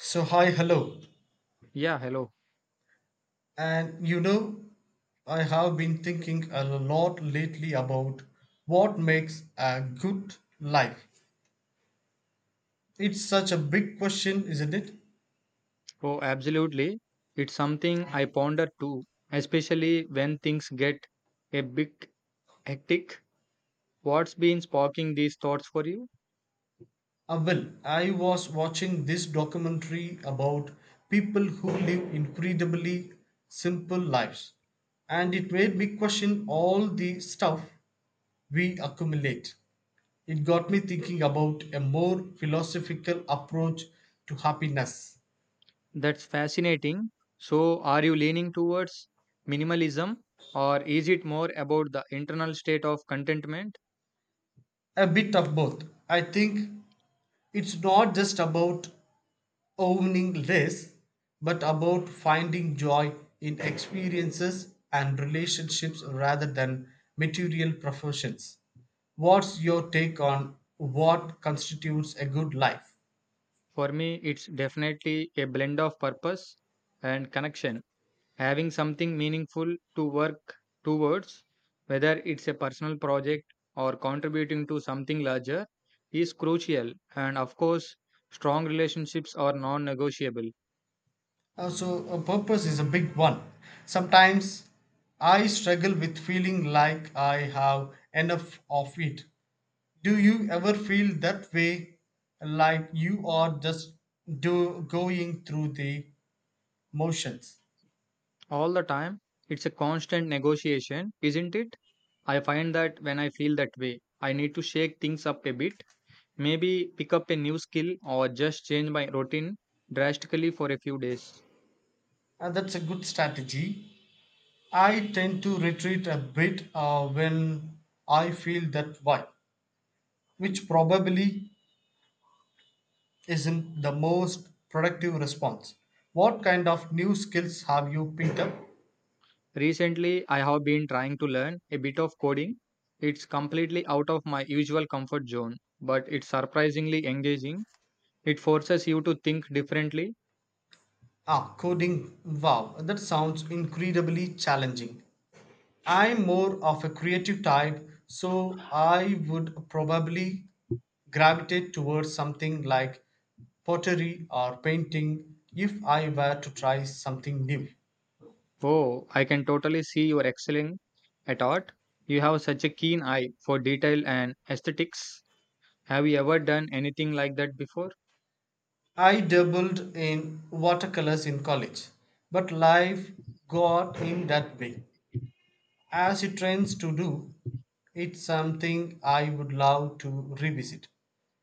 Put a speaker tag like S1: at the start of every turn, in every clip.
S1: So, hi, hello.
S2: Yeah, hello.
S1: And you know, I have been thinking a lot lately about what makes a good life. It's such a big question, isn't it?
S2: Oh, absolutely. It's something I ponder too, especially when things get a bit hectic. What's been sparking these thoughts for you?
S1: Well, I was watching this documentary about people who live incredibly simple lives, and it made me question all the stuff we accumulate. It got me thinking about a more philosophical approach to happiness.
S2: That's fascinating. So, are you leaning towards minimalism, or is it more about the internal state of contentment?
S1: A bit of both. I think it's not just about owning less, but about finding joy in experiences and relationships rather than material professions. What's your take on what constitutes a good life?
S2: For me, it's definitely a blend of purpose and connection. Having something meaningful to work towards, whether it's a personal project or contributing to something larger, is crucial. And of course, strong relationships are non negotiable.
S1: So a purpose is a big one. Sometimes I struggle with feeling like I have enough of it. Do you ever feel that way? Like you are just do going through the motions?
S2: All the time, it's a constant negotiation, isn't it? I find that when I feel that way, I need to shake things up a bit, maybe pick up a new skill or just change my routine drastically for a few days.
S1: And that's a good strategy. I tend to retreat a bit when I feel that why, which probably isn't the most productive response. What kind of new skills have you picked up?
S2: Recently, I have been trying to learn a bit of coding. It's completely out of my usual comfort zone, but it's surprisingly engaging. It forces you to think differently.
S1: Ah, coding. Wow, that sounds incredibly challenging. I'm more of a creative type, so I would probably gravitate towards something like pottery or painting if I were to try something new.
S2: Oh, I can totally see you're excelling at art. You have such a keen eye for detail and aesthetics. Have you ever done anything like that before?
S1: I dabbled in watercolors in college, but life got in that way, as it trends to do. It's something I would love to revisit.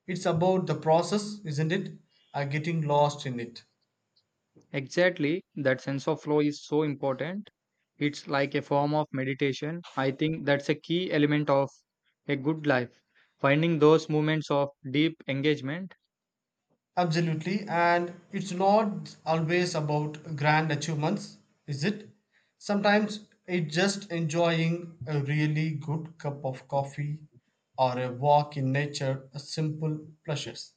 S1: It's about the process, isn't it? Getting lost in it.
S2: Exactly, that sense of flow is so important. It's like a form of meditation. I think that's a key element of a good life. Finding those moments of deep engagement.
S1: Absolutely, and it's not always about grand achievements, is it? Sometimes it's just enjoying a really good cup of coffee or a walk in nature, a simple pleasures.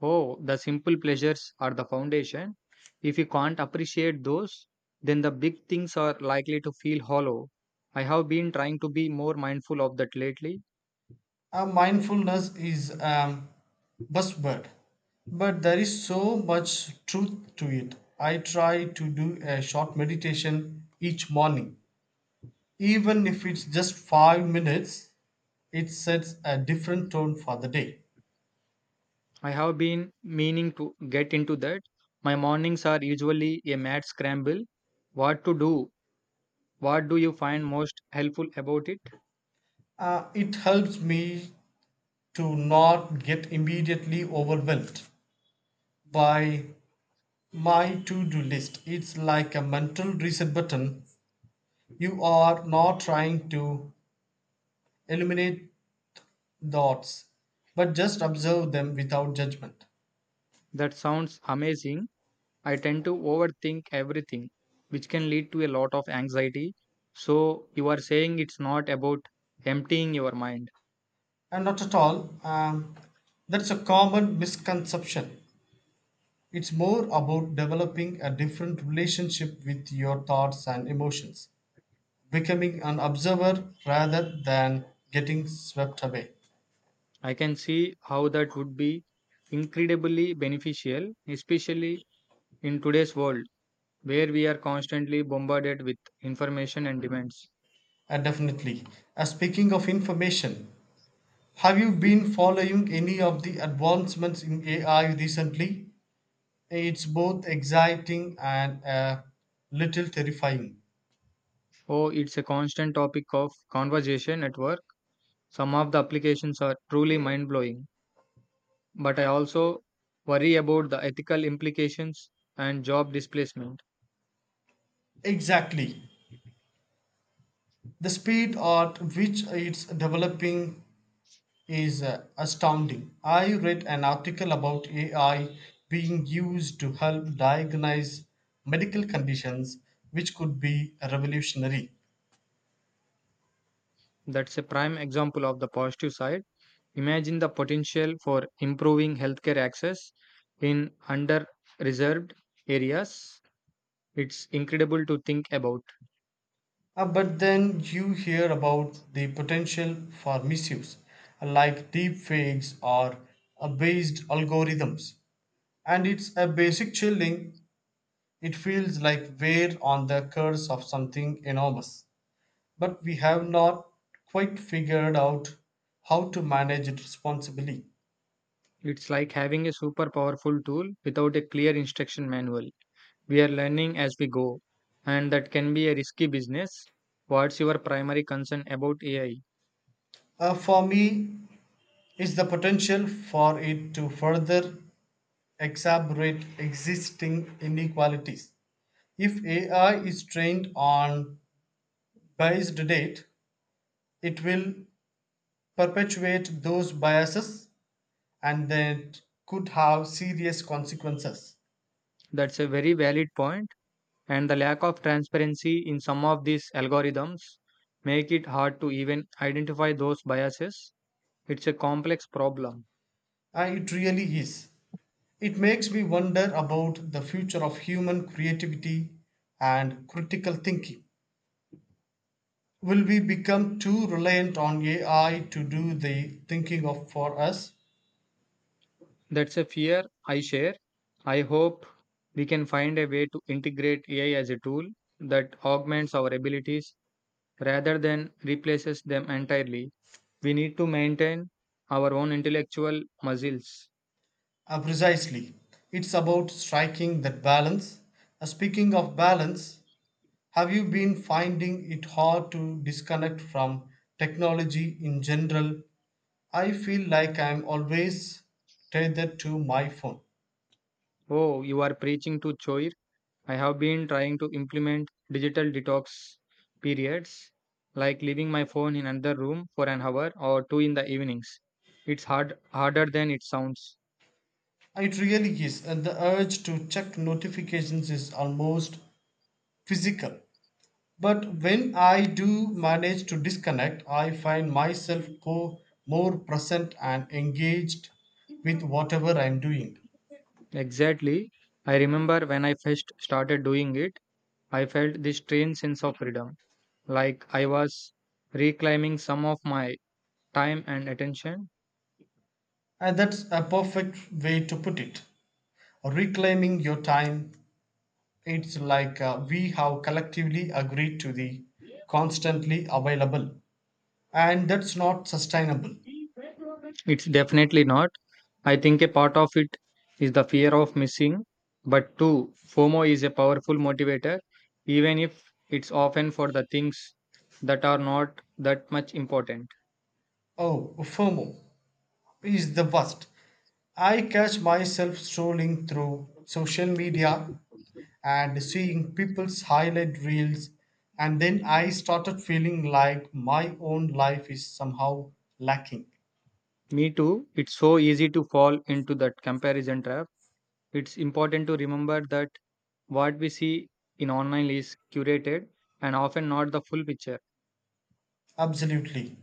S2: Oh, the simple pleasures are the foundation. If you can't appreciate those, then the big things are likely to feel hollow. I have been trying to be more mindful of that lately.
S1: Mindfulness is a buzzword, but there is so much truth to it. I try to do a short meditation each morning, even if it's just 5 minutes. It sets a different tone for the day.
S2: I have been meaning to get into that. My mornings are usually a mad scramble. What to do. What do you find most helpful about it?
S1: It helps me to not get immediately overwhelmed by my to do list. It's like a mental reset button. You are not trying to eliminate thoughts, but just observe them without judgment.
S2: That sounds amazing. I tend to overthink everything, which can lead to a lot of anxiety. So, you are saying it's not about emptying your mind.
S1: And not at all, that's a common misconception. It's more about developing a different relationship with your thoughts and emotions, becoming an observer rather than getting swept away.
S2: I can see how that would be incredibly beneficial, especially in today's world, where we are constantly bombarded with information and demands.
S1: Definitely. Speaking of information, have you been following any of the advancements in AI recently? It's both exciting and a little terrifying.
S2: Oh, it's a constant topic of conversation at work. Some of the applications are truly mind blowing. But I also worry about the ethical implications and job displacement.
S1: Exactly. The speed at which it's developing is astounding. I read an article about AI being used to help diagnose medical conditions, which could be revolutionary.
S2: That's a prime example of the positive side. Imagine the potential for improving healthcare access in under reserved areas. It's incredible to think about.
S1: But then you hear about the potential for misuse, like deep fakes or based algorithms. And it's a basic chilling. It feels like we're on the curse of something enormous. But we have not quite figured out how to manage it responsibly.
S2: It's like having a super powerful tool without a clear instruction manual. We are learning as we go, and that can be a risky business. What's your primary concern about AI?
S1: For me, is the potential for it to further exacerbate existing inequalities. If AI is trained on biased data, it will perpetuate those biases and that could have serious consequences.
S2: That's a very valid point, and the lack of transparency in some of these algorithms make it hard to even identify those biases. It's a complex problem.
S1: And it really is. It makes me wonder about the future of human creativity and critical thinking. Will we become too reliant on AI to do the thinking of for us?
S2: That's a fear I share. I hope we can find a way to integrate AI as a tool that augments our abilities rather than replaces them entirely. We need to maintain our own intellectual muscles.
S1: Precisely. It's about striking that balance. Speaking of balance, have you been finding it hard to disconnect from technology in general? I feel like I'm always tethered to my phone.
S2: Oh, you are preaching to choir. I have been trying to implement digital detox periods, like leaving my phone in another room for an hour or two in the evenings. It's hard harder than it sounds.
S1: It really is, and the urge to check notifications is almost physical. But when I do manage to disconnect, I find myself more present and engaged with whatever I'm doing.
S2: Exactly. I remember when I first started doing it, I felt this strange sense of freedom, like I was reclaiming some of my time and attention.
S1: And that's a perfect way to put it. Reclaiming your time, it's like we have collectively agreed to the constantly available, and that's not sustainable.
S2: It's definitely not. I think a part of it is the fear of missing, but too, FOMO is a powerful motivator, even if it's often for the things that are not that much important.
S1: Oh, FOMO is the worst. I catch myself strolling through social media and seeing people's highlight reels, and then I started feeling like my own life is somehow lacking.
S2: Me too, it's so easy to fall into that comparison trap. It's important to remember that what we see in online is curated and often not the full picture.
S1: Absolutely.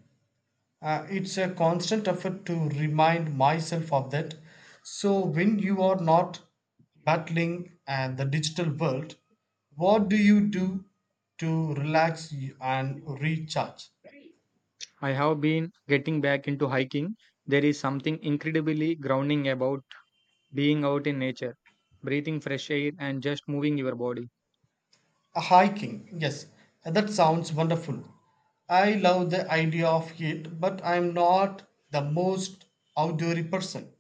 S1: It's a constant effort to remind myself of that. So, when you are not battling the digital world, what do you do to relax and recharge?
S2: I have been getting back into hiking. There is something incredibly grounding about being out in nature, breathing fresh air, and just moving your body.
S1: A hiking, yes, that sounds wonderful. I love the idea of it, but I'm not the most outdoory person.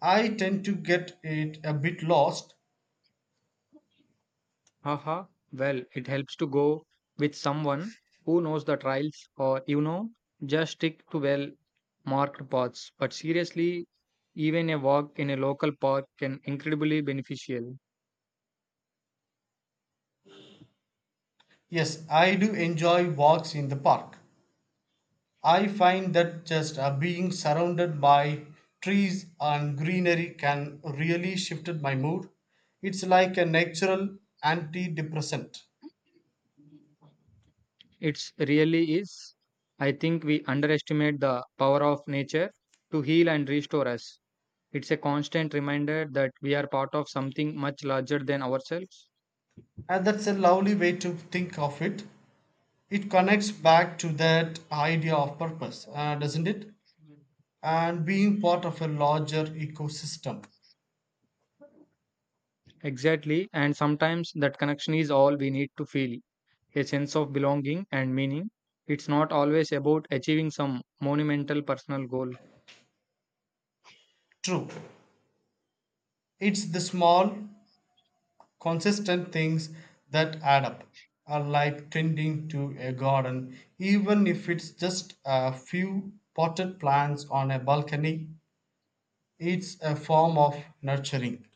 S1: I tend to get it a bit lost.
S2: Haha, well, it helps to go with someone who knows the trails, or, just stick to well marked paths. But seriously, even a walk in a local park can incredibly beneficial.
S1: Yes, I do enjoy walks in the park. I find that just being surrounded by trees and greenery can really shifted my mood. It's like a natural antidepressant.
S2: It's really is. I think we underestimate the power of nature to heal and restore us. It's a constant reminder that we are part of something much larger than ourselves.
S1: And that's a lovely way to think of it. It connects back to that idea of purpose, doesn't it? And being part of a larger ecosystem.
S2: Exactly, and sometimes that connection is all we need to feel a sense of belonging and meaning. It's not always about achieving some monumental personal goal.
S1: True. It's the small, consistent things that add up, like tending to a garden, even if it's just a few potted plants on a balcony. It's a form of nurturing.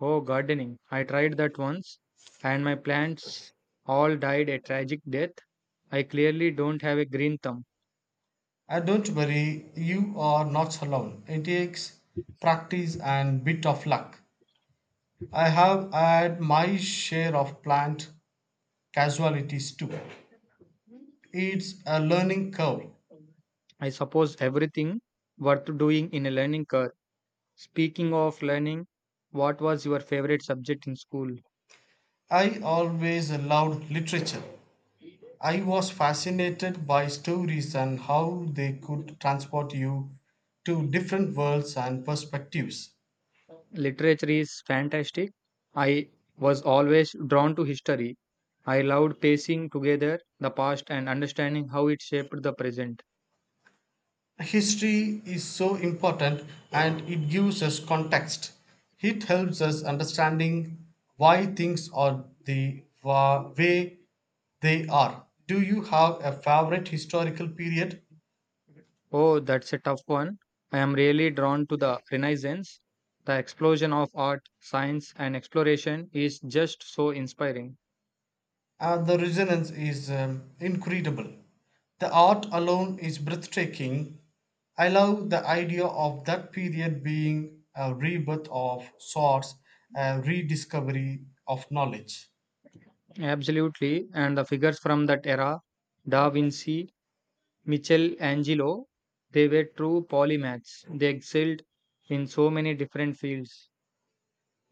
S2: Oh, gardening. I tried that once, and my plants all died a tragic death. I clearly don't have a green thumb.
S1: And don't worry, you are not alone. It takes practice and bit of luck. I have had my share of plant casualties too. It's a learning curve.
S2: I suppose everything worth doing in a learning curve. Speaking of learning, what was your favorite subject in school?
S1: I always loved literature. I was fascinated by stories and how they could transport you to different worlds and perspectives.
S2: Literature is fantastic. I was always drawn to history. I loved piecing together the past and understanding how it shaped the present.
S1: History is so important and it gives us context. It helps us understanding why things are the way they are. Do you have a favorite historical period?
S2: Oh, that's a tough one. I am really drawn to the Renaissance. The explosion of art, science, and exploration is just so inspiring.
S1: The resonance is incredible. The art alone is breathtaking. I love the idea of that period being a rebirth of sorts, a rediscovery of knowledge.
S2: Absolutely, and the figures from that era, Da Vinci, Michelangelo, they were true polymaths. They excelled in so many different fields.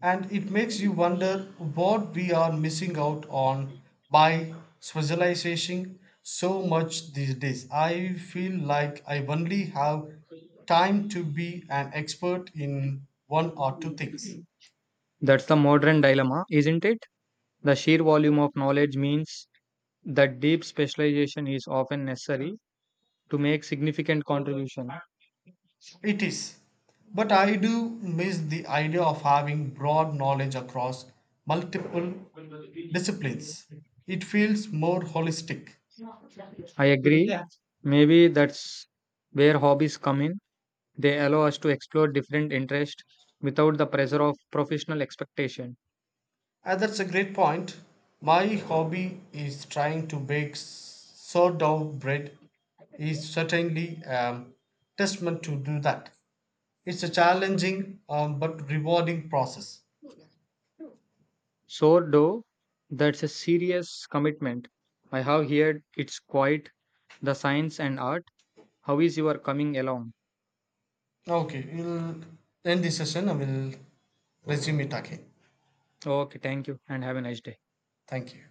S1: And it makes you wonder what we are missing out on by specialization so much these days. I feel like I only have time to be an expert in one or two things.
S2: That's the modern dilemma, isn't it? The sheer volume of knowledge means that deep specialization is often necessary to make significant contribution.
S1: It is. But I do miss the idea of having broad knowledge across multiple disciplines. It feels more holistic.
S2: I agree. Maybe that's where hobbies come in. They allow us to explore different interests without the pressure of professional expectation.
S1: That's a great point. My hobby is trying to bake sourdough bread is certainly a testament to do that. It's a challenging but rewarding process.
S2: Sourdough, that's a serious commitment. I have heard it's quite the science and art. How is your coming along?
S1: Okay, we'll end this session and we'll resume it again.
S2: Okay, thank you and have a nice day.
S1: Thank you.